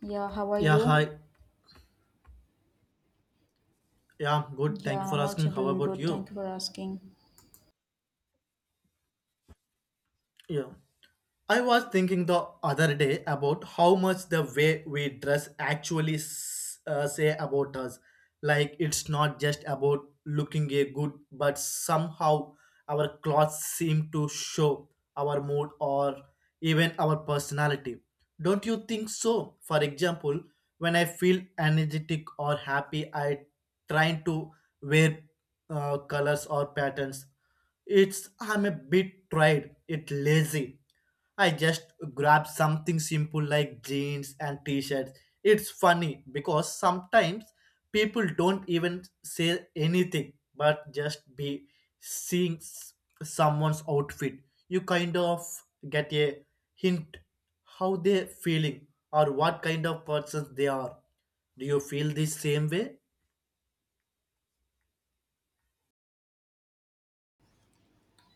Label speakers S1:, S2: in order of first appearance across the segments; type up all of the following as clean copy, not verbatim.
S1: Yeah, how are
S2: Yeah, hi.
S1: you?
S2: Yeah, I'm good.
S1: Yeah,
S2: Thank you for
S1: I'm also
S2: asking. How
S1: doing
S2: about
S1: good. Thank
S2: you?
S1: you for asking.
S2: Yeah. I was thinking the other day about how much the way we dress actually say about us. Like it's not just about looking a good, but somehow our clothes seem to show our mood or even our personality. Don't you think so? For example, when I feel energetic or happy, I try to wear colors or patterns. It's I'm a bit tried, it lazy I just grab something simple like jeans and t-shirts. It's funny because sometimes people don't even say anything but just be seeing someone's outfit. You kind of get a hint how they're feeling or what kind of person they are. Do you feel the same way?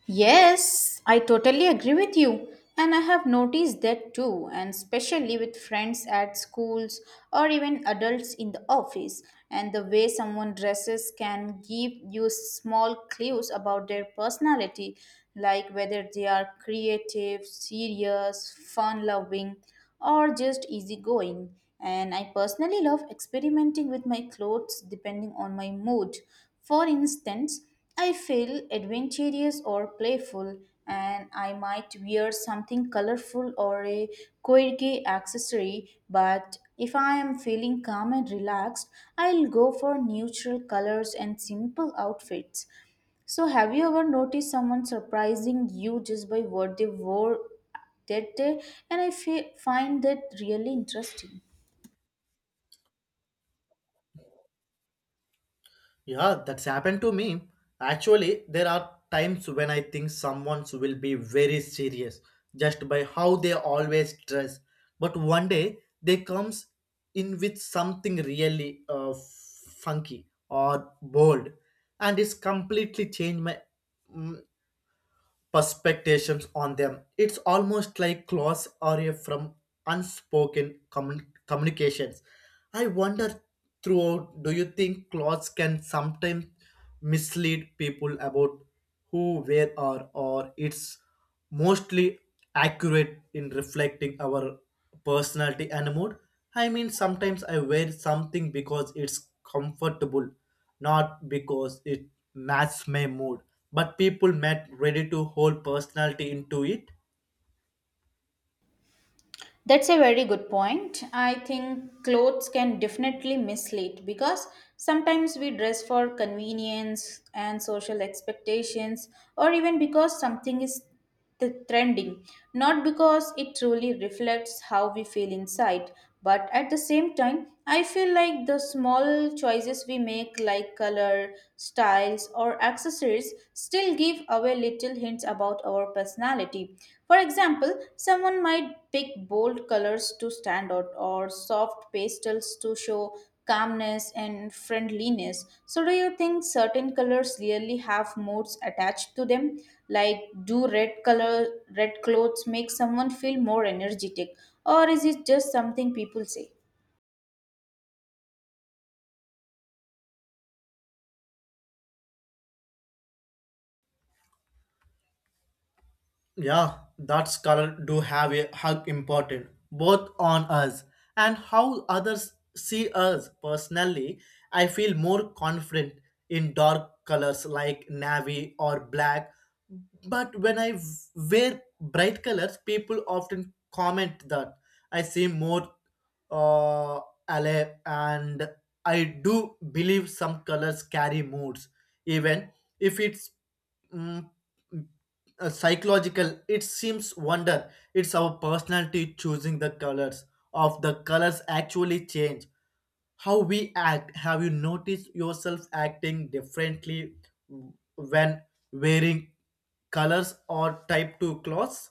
S1: Yes, I totally agree with you. And I have noticed that too, and especially with friends at schools or even adults in the office. And the way someone dresses can give you small clues about their personality, like whether they are creative, serious, fun loving, or just easygoing. And I personally love experimenting with my clothes depending on my mood. For instance, I feel adventurous or playful, and I might wear something colorful or a quirky accessory. But if I am feeling calm and relaxed, I'll go for neutral colors and simple outfits. So, have you ever noticed someone surprising you just by what they wore that day? And I find that really interesting.
S2: Yeah, that's happened to me. Actually, there are times when I think someone will be very serious just by how they always dress. But one day they comes in with something really funky or bold, and it's completely changed my mm, perspectives on them. It's almost like claws are a from unspoken communications. I wonder throughout, do you think claws can sometimes mislead people about who, where are, or it's mostly accurate in reflecting our personality and mood? I mean, sometimes I wear something because it's comfortable not because it matched my mood, but people met ready to hold personality into it.
S1: That's a very good point. I think clothes can definitely mislead because sometimes we dress for convenience and social expectations, or even because something is trending, not because it truly reflects how we feel inside. But at the same time, I feel like the small choices we make, like color, styles, or accessories, still give away little hints about our personality. For example, someone might pick bold colors to stand out, or soft pastels to show calmness and friendliness. So, do you think certain colors really have moods attached to them? Like, do red color, red clothes make someone feel more energetic, or is it just something people say?
S2: Yeah, that's color do have a hug important both on us and how others see us. Personally, I feel more confident in dark colors like navy or black, but when I wear bright colors, people often comment that I seem more uh, alive, and I do believe some colors carry moods, even if it's mm, psychological it seems wonder it's our personality choosing the colors of the colors actually change how we act. Have you noticed yourself acting differently when wearing colors or type 2 clothes?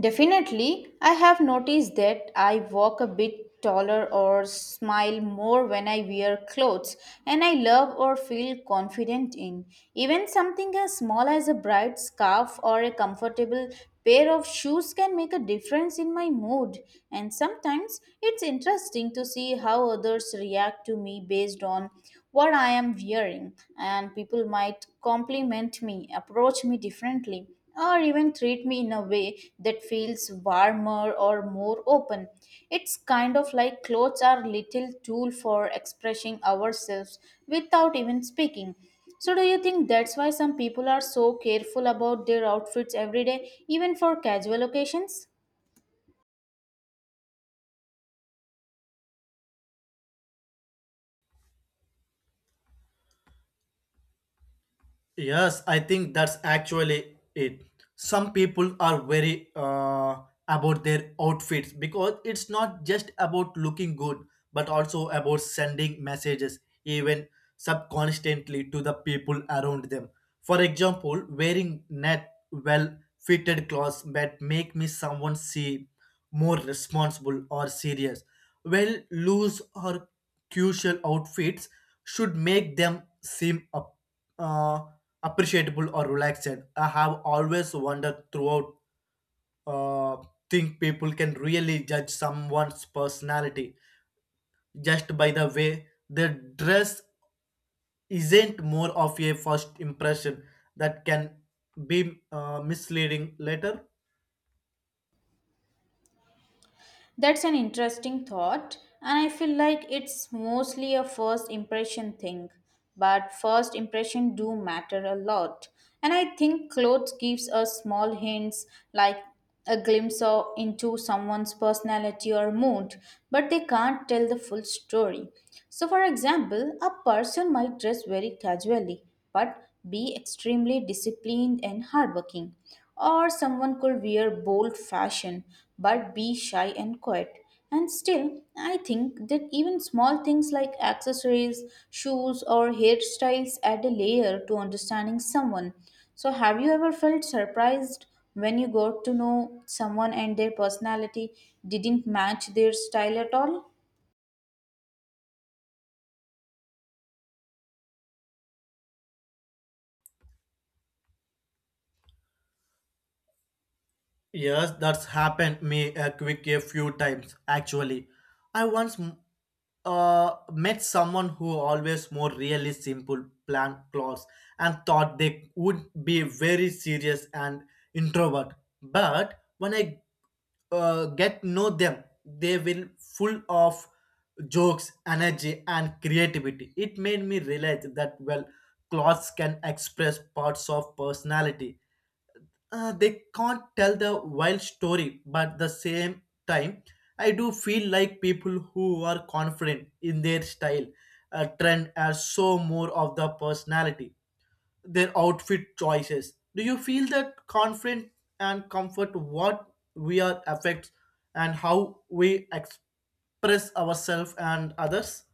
S1: Definitely, I have noticed that I walk a bit taller or smile more when I wear clothes and I love or feel confident in. Even something as small as a bright scarf or a comfortable pair of shoes can make a difference in my mood. And sometimes it's interesting to see how others react to me based on what I am wearing, and people might compliment me, approach me differently or even treat me in a way that feels warmer or more open. It's kind of like clothes are little tool for expressing ourselves without even speaking. So do you think that's why some people are so careful about their outfits every day even for casual occasions?
S2: Yes, I think that's actually it. Some people are very about their outfits because it's not just about looking good, but also about sending messages, even subconsciously, to the people around them. For example, wearing net well fitted clothes that make me someone see more responsible or serious. Well, loose or casual outfits should make them seem up, uh appreciable or relaxed. I have always wondered throughout uh, think people can really judge someone's personality just by the way their dress isn't more of a first impression that can be misleading later.
S1: That's an interesting thought, and I feel like it's mostly a first impression thing. But first impression do matter a lot. And I think clothes gives us small hints like a glimpse of, into someone's personality or mood, but they can't tell the full story. So for example, a person might dress very casually but be extremely disciplined and hardworking. Or someone could wear bold fashion but be shy and quiet. And still, I think that even small things like accessories, shoes, or hairstyles add a layer to understanding someone. So, have you ever felt surprised when you got to know someone and their personality didn't match their style at all?
S2: Yes, that's happened me a quick a few times actually. I once met someone who always more really simple plan clothes and thought they would be very serious and introvert. But when I get know them, they will full of jokes, energy, and creativity. It made me realize that well, clothes can express parts of personality, they can't tell the wild story but the same time I do feel like people who are confident in their style, trend are so more of the personality their outfit choices. Do you feel that confident and comfort what we are affects and how we express ourselves and others?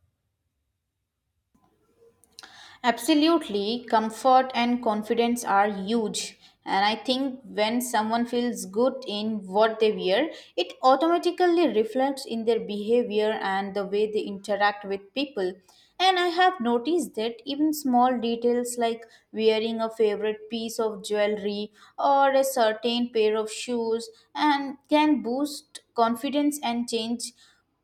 S1: Absolutely, comfort and confidence are huge. And I think when someone feels good in what they wear, it automatically reflects in their behavior and the way they interact with people. And I have noticed that even small details like wearing a favorite piece of jewelry or a certain pair of shoes and can boost confidence and change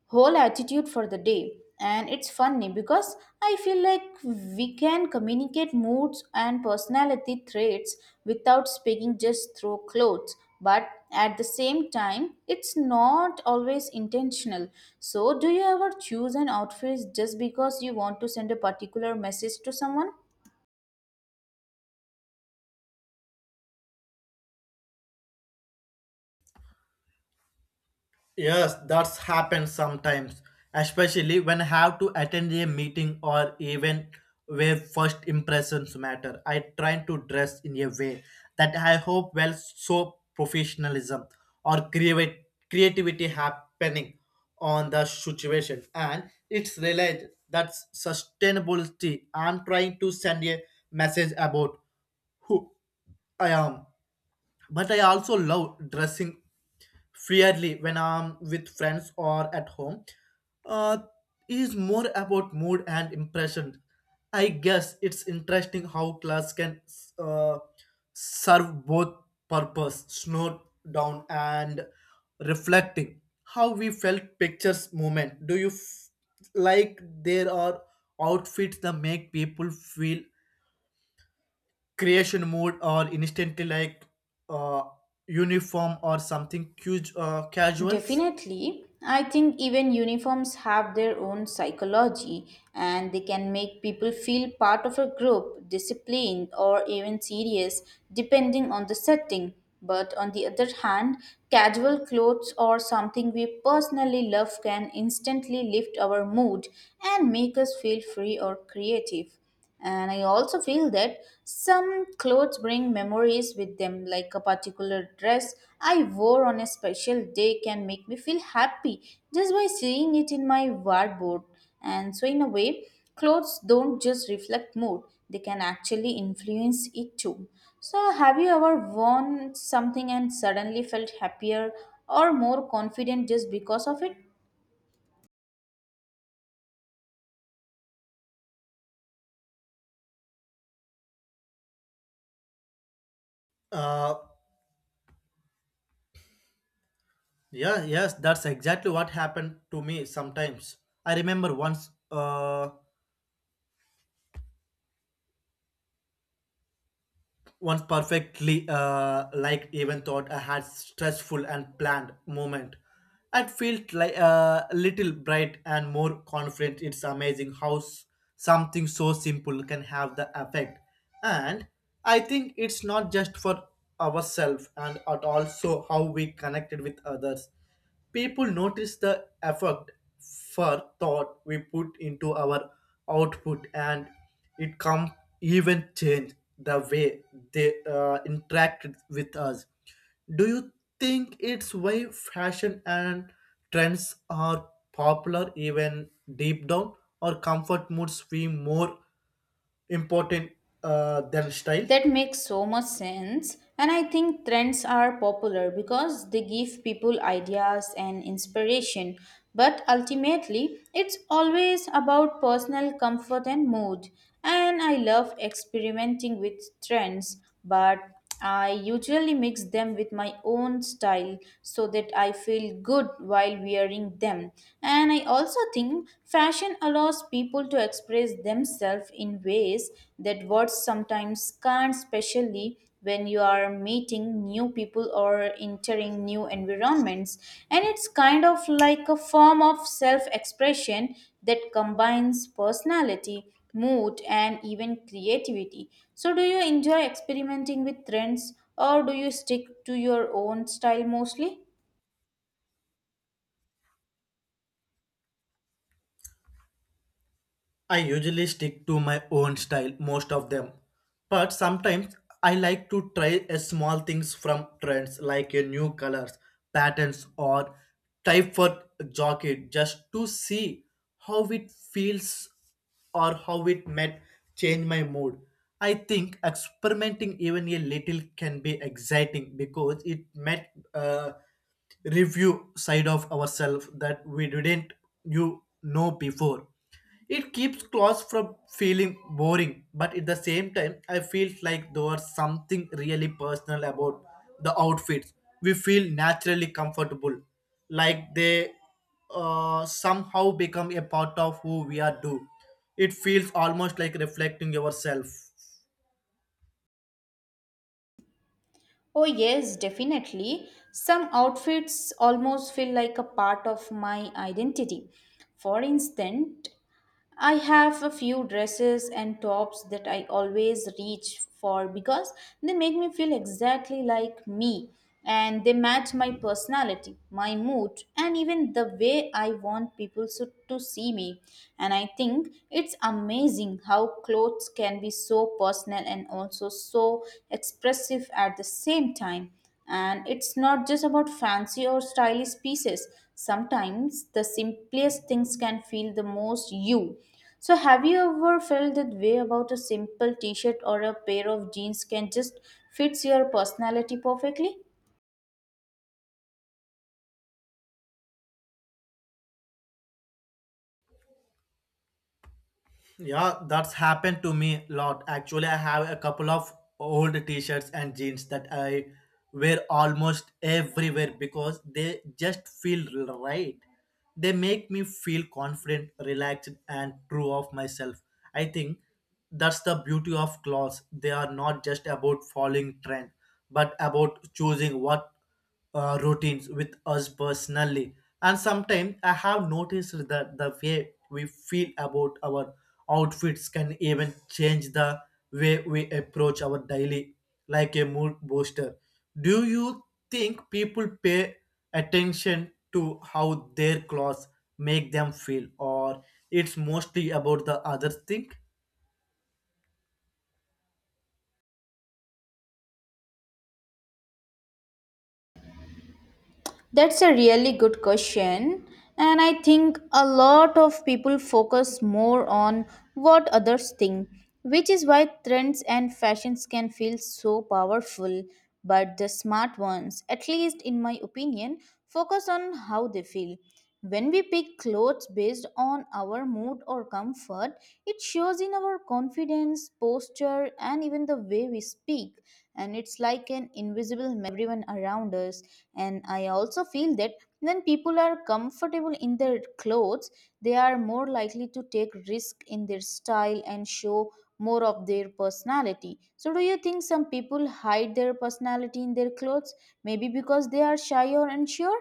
S1: whole attitude for the day. And it's funny because I feel like we can communicate moods and personality traits without speaking just through clothes, but at the same time it's not always intentional. So do you ever choose an outfit just because you want to send a particular message to someone?
S2: Yes, that's happened sometimes, especially when I have to attend a meeting or event where first impressions matter. I try to dress in a way that I hope will show professionalism or create creativity happening on the situation, and it's realized that sustainability. I'm trying to send a message about who I am but I also love dressing freely when I'm with friends or at home. Uh, it is more about mood and impression. I guess it's interesting how class can uh, serve both purpose, snow down and reflecting how we felt pictures moment. Do you like there are outfits that make people feel creation mode or instantly like uh, uniform or something huge casuals?
S1: Definitely. I think even uniforms have their own psychology and they can make people feel part of a group, disciplined, or even serious, depending on the setting. But on the other hand, casual clothes or something we personally love can instantly lift our mood and make us feel free or creative. And I also feel that some clothes bring memories with them, like a particular dress I wore on a special day can make me feel happy just by seeing it in my wardrobe. And so, in a way, clothes don't just reflect mood, they can actually influence it too. So, have you ever worn something and suddenly felt happier or more confident just because of it?
S2: uh, yeah, yes, that's exactly what happened to me sometimes. I remember once, perfectly, like even thought I had stressful and planned moment. I felt like a little bright and more confident. It's amazing how something so simple can have the effect. And I think it's not just for ourselves and at also how we connected with others. People notice the effort for thought we put into our output and it can even change the way they interact with us. Do you think it's why fashion and trends are popular even deep down or comfort moods feel more important than style?
S1: That makes so much sense. And I think trends are popular because they give people ideas and inspiration. But ultimately, it's always about personal comfort and mood. And I love experimenting with trends, but I usually mix them with my own style so that I feel good while wearing them. And I also think fashion allows people to express themselves in ways that words sometimes can't, especially when you are meeting new people or entering new environments. And it's kind of like a form of self expression that combines personality mood, and even creativity. So, do you enjoy experimenting with trends or do you stick to your own style mostly?
S2: I usually stick to my own style most of them, but sometimes I like to try a small things from trends like a new colors, patterns or type for jacket just to see how it feels or how it might change my mood. I think experimenting even a little can be exciting because it might uh, review side of ourselves that we didn't you know before. It keeps claws from feeling boring but at the same time I feel like there was something really personal about the outfits we feel naturally comfortable, like they somehow become a part of who we are. Do it feels almost like reflecting yourself?
S1: Oh, yes, definitely. Some outfits almost feel like a part of my identity. For instance, I have a few dresses and tops that I always reach for because they make me feel exactly like me and they match my personality, my mood, and even the way I want people so, to see me. And I think it's amazing how clothes can be so personal and also so expressive at the same time. And it's not just about fancy or stylish pieces. Sometimes the simplest things can feel the most you. So, have you ever felt that way about a simple t shirt or a pair of jeans can just fits your personality perfectly?
S2: Yeah, that's happened to me a lot. Actually, I have a couple of old t-shirts and jeans that I wear almost everywhere because they just feel right. They make me feel confident, relaxed, and true of myself. I think that's the beauty of clothes. They are not just about following trend, but about choosing what routines with us personally. And sometimes I have noticed that the way we feel about our outfits can even change the way we approach our daily, like a mood booster. Do you think people pay attention to how their clothes make them feel, or it's mostly about the other thing?
S1: That's a really good question. And I think a lot of people focus more on what others think, which is why trends and fashions can feel so powerful. But the smart ones, at least in my opinion, focus on how they feel. When we pick clothes based on our mood or comfort, it shows in our confidence, posture, and even the way we speak. And it's like an invisible map everyone around us. And I also feel that when people are comfortable in their clothes, they are more likely to take risk in their style and show more of their personality. So, do you think some people hide their personality in their clothes? Maybe because they are shy or unsure?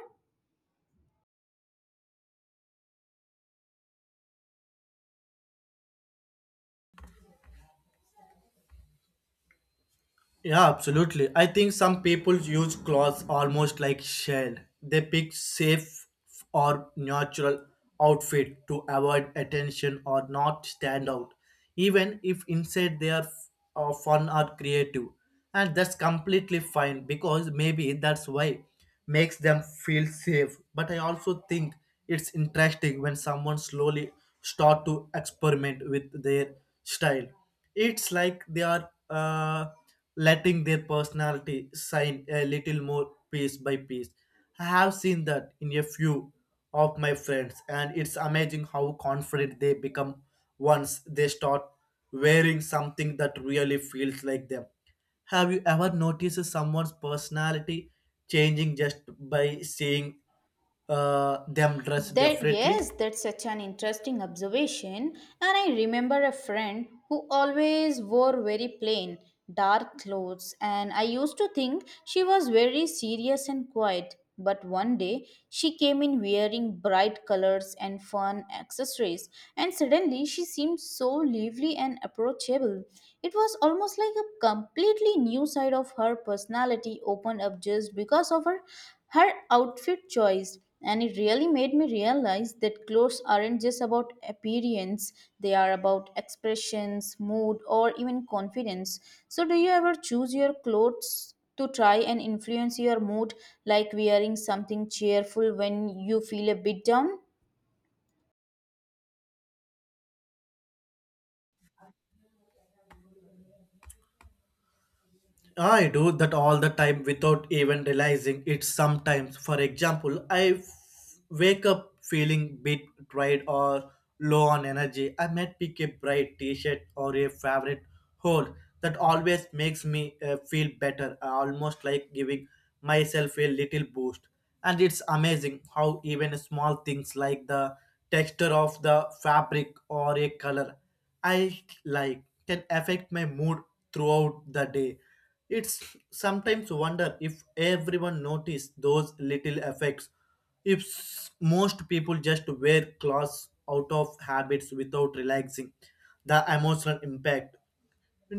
S2: Yeah, absolutely. I think some people use clothes almost like shell. They pick safe or natural outfit to avoid attention or not stand out, even if inside they are fun or creative. And that's completely fine because maybe that's why makes them feel safe. But I also think it's interesting when someone slowly start to experiment with their style. It's like they are. Letting their personality shine a little more piece by piece. I have seen that in a few of my friends, and it's amazing how confident they become once they start wearing something that really feels like them. Have you ever noticed someone's personality changing just by seeing them dress
S1: That
S2: differently?
S1: yes, that's such an interesting observation. And I remember a friend who always wore very plain, dark clothes, and I used to think she was very serious and quiet. But one day she came in wearing bright colors and fun accessories, and suddenly she seemed so lively and approachable. It was almost like a completely new side of her personality opened up just because of her outfit choice. And it really made me realize that clothes aren't just about appearance, they are about expressions mood or even confidence. So do you ever choose your clothes to try and influence your mood, like wearing something cheerful when you feel a bit down?
S2: I do that all the time without even realizing it sometimes. For example, I wake up feeling bit tired or low on energy. I might pick a bright t-shirt or a favorite hold that always makes me feel better, almost like giving myself a little boost. And it's amazing how even small things like the texture of the fabric or a color I like can affect my mood throughout the day. It's sometimes wonder if everyone noticed those little effects. If most people just wear clothes out of habits without relaxing the emotional impact.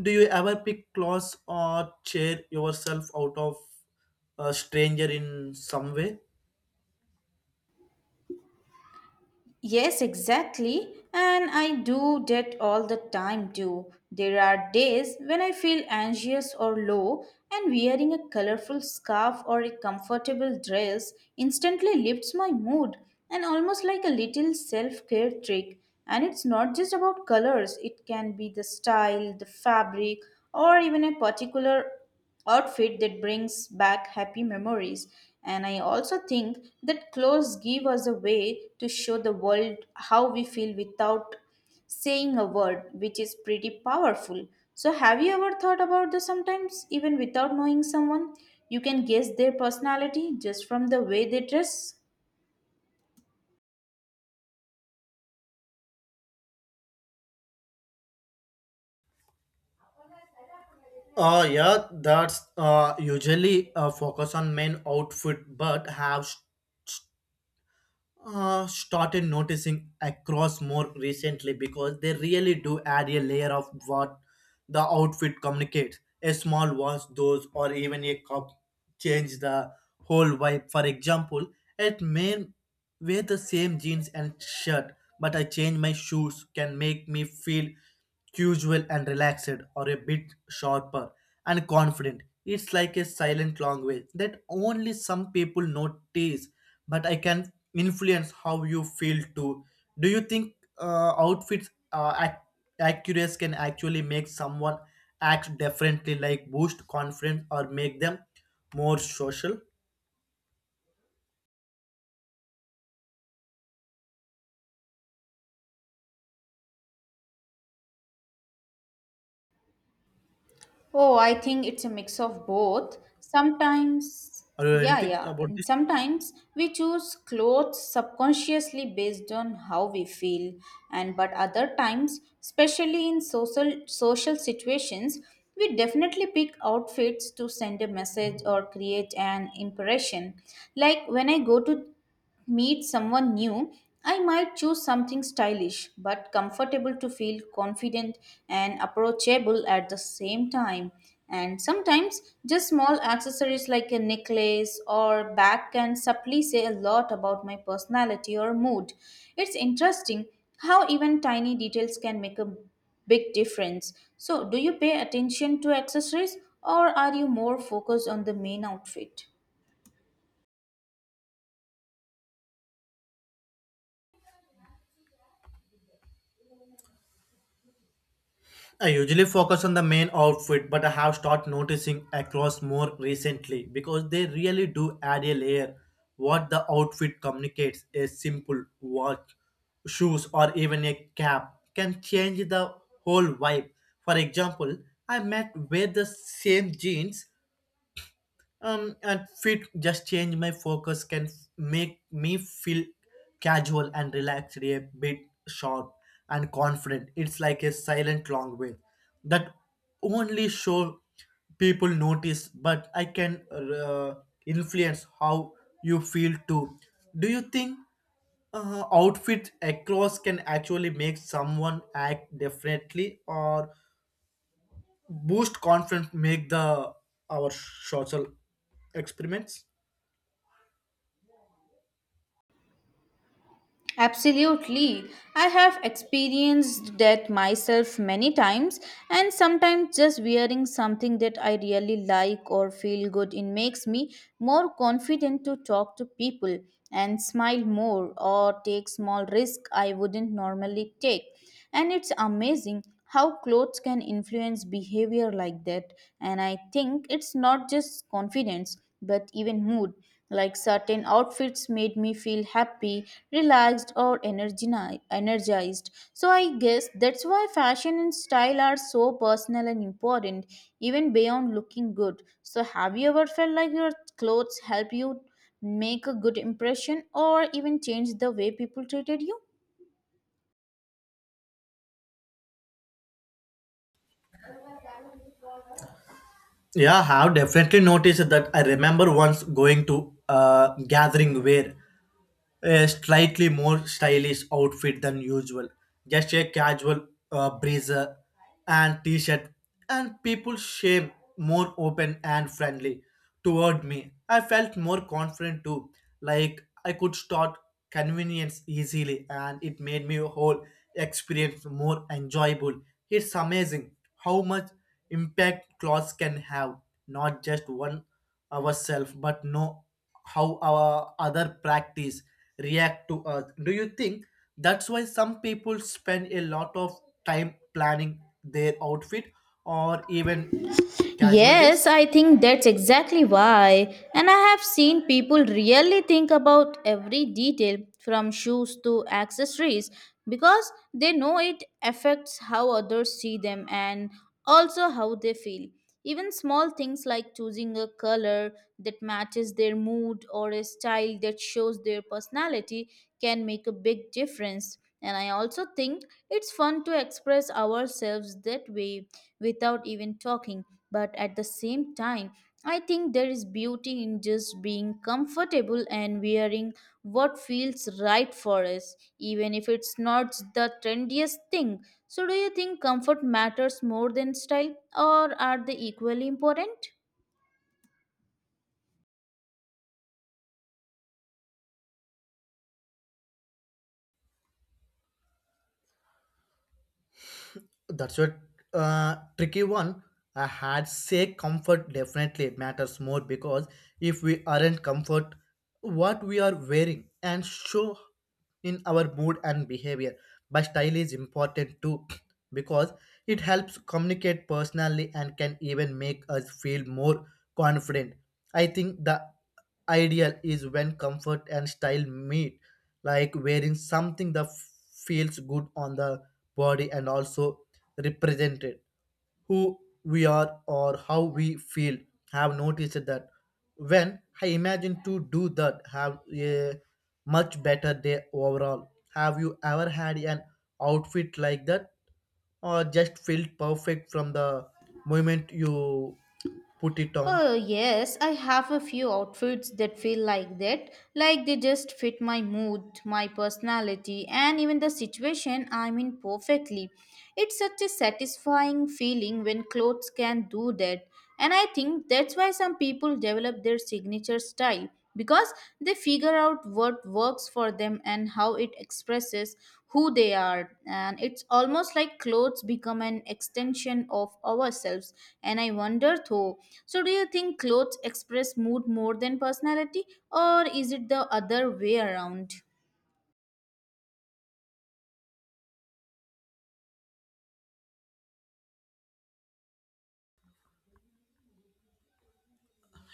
S2: Do you ever pick clothes or cheer yourself out of a stranger in some way?
S1: Yes, exactly. And I do that all the time too. There are days when I feel anxious or low, and wearing a colorful scarf or a comfortable dress instantly lifts my mood and almost like a little self care trick. And it's not just about colors, it can be the style, the fabric, or even a particular outfit that brings back happy memories. And I also think that clothes give us a way to show the world how we feel without saying a word, which is pretty powerful. So, have you ever thought about this sometimes, even without knowing someone? You can guess their personality just from the way they dress.
S2: Yeah, that's usually focus on main outfit but have started noticing across more recently because they really do add a layer of what the outfit communicates. A small wash, those, or even a cup change the whole vibe. For example, it may wear the same jeans and shirt, but I change my shoes can make me feel casual and relaxed or a bit sharper and confident. It's like a silent language that only some people notice, but I can influence how you feel too. Do you think outfits accuracy can actually make someone act differently, like boost confidence or make them more social?
S1: Oh, I think it's a mix of both. Sometimes,
S2: Or
S1: yeah,
S2: anything
S1: yeah.
S2: about
S1: And
S2: this?
S1: sometimes we choose clothes subconsciously based on how we feel, and but other times, especially in social situations, we definitely pick outfits to send a message or create an impression. Like when I go to meet someone new, I might choose something stylish but comfortable to feel confident and approachable at the same time. And sometimes just small accessories like a necklace or bag can subtly say a lot about my personality or mood. It's interesting how even tiny details can make a big difference. So, do you pay attention to accessories or are you more focused on the main outfit?
S2: I usually focus on the main outfit, but I have started noticing across more recently because they really do add a layer. What the outfit communicates, a simple watch, shoes, or even a cap can change the whole vibe. For example, I met wear the same jeans and fit just change my focus can make me feel casual and relaxed a bit sharp and confident. It's like a silent long way that only show people notice but I can influence how you feel too. Do you think outfit across can actually make someone act differently or boost confidence make the our social experiments?
S1: Absolutely. I have experienced that myself many times, and sometimes just wearing something that I really like or feel good in makes me more confident to talk to people and smile more or take small risks I wouldn't normally take. And it's amazing how clothes can influence behavior like that. And I think it's not just confidence, but even mood. Like certain outfits made me feel happy, relaxed, or energized. So I guess that's why fashion and style are so personal and important, even beyond looking good. So, have you ever felt like your clothes help you make a good impression or even change the way people treated you?
S2: Yeah, I have definitely noticed that. I remember once going to a gathering where a slightly more stylish outfit than usual. Just a casual blazer and t-shirt, and people seemed more open and friendly toward me. I felt more confident too, like I could start convenience easily, and it made me whole experience more enjoyable. It's amazing how much impact clothes can have, not just one ourselves but know how our other practice react to us. Do you think that's why some people spend a lot of time planning their outfit or even casual
S1: Yes,
S2: days?
S1: I think that's exactly why. And I have seen people really think about every detail from shoes to accessories because they know it affects how others see them and also how they feel. Even small things like choosing a color that matches their mood or a style that shows their personality can make a big difference. And I also think it's fun to express ourselves that way without even talking but at the same time, I think there is beauty in just being comfortable and wearing what feels right for us, even if it's not the trendiest thing. So, do you think comfort matters more than style, or are they equally important?
S2: That's a tricky one. I had say comfort definitely matters more because if we aren't comfort, what we are wearing and show in our mood and behavior. But style is important too because it helps communicate personally and can even make us feel more confident. I think the ideal is when comfort and style meet, like wearing something that feels good on the body and also represented who we are or how we feel. Have noticed that when I imagine to do that have a much better day overall. Have you ever had an outfit like that or just felt perfect from the moment you put it on?
S1: Oh, yes, I have a few outfits that feel like that. Like they just fit my mood, my personality, and even the situation I'm in perfectly. It's such a satisfying feeling when clothes can do that. And I think that's why some people develop their signature style because they figure out what works for them and how it expresses who they are. And it's almost like clothes become an extension of ourselves. And I wonder though, so do you think clothes express mood more than personality, or is it the other way around?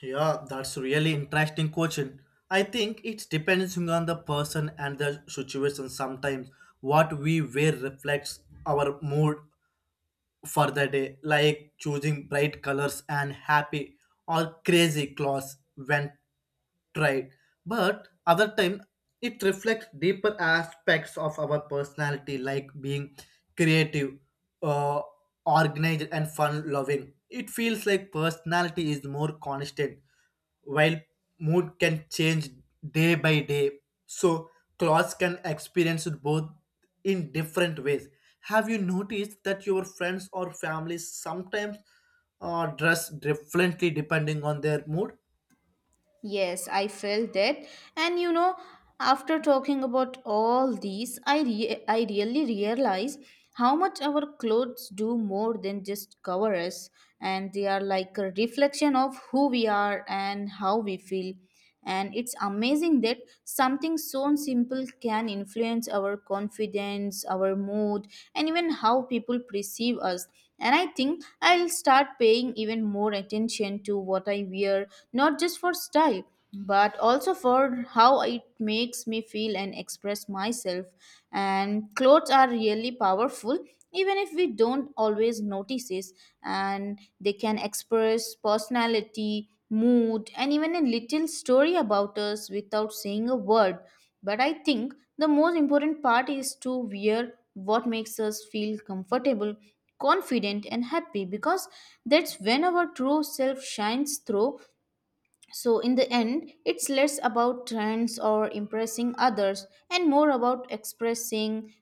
S2: Yeah, that's really interesting question. I think it's depending on the person and the situation. Sometimes what we wear reflects our mood for the day, like choosing bright colors and happy or crazy clothes when tried. But other time it reflects deeper aspects of our personality, like being creative, uh, organized, and fun-loving. It feels like personality is more constant while mood can change day by day, so clothes can experience it both in different ways. Have you noticed that your friends or family sometimes dress differently depending on their mood?
S1: Yes, I felt that. And you know, after talking about all these, I really realize how much our clothes do more than just cover us, and they are like a reflection of who we are and how we feel. And it's amazing that something so simple can influence our confidence, our mood, and even how people perceive us. And I think I'll start paying even more attention to what I wear, not just for style but also for how it makes me feel and express myself. And clothes are really powerful, even if we don't always notice it. And they can express personality mood, and even a little story about us without saying a word. But I think the most important part is to wear what makes us feel comfortable, confident, and happy because that's when our true self shines through. So, in the end, it's less about trends or impressing others and more about expressing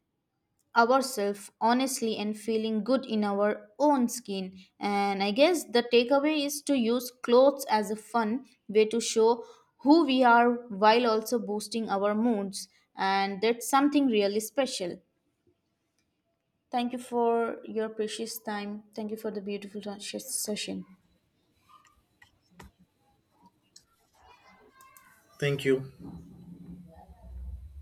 S1: ourselves honestly and feeling good in our own skin. And I guess the takeaway is to use clothes as a fun way to show who we are while also boosting our moods. And that's something really special. Thank you for your precious time. Thank you for the beautiful session.
S2: Thank you.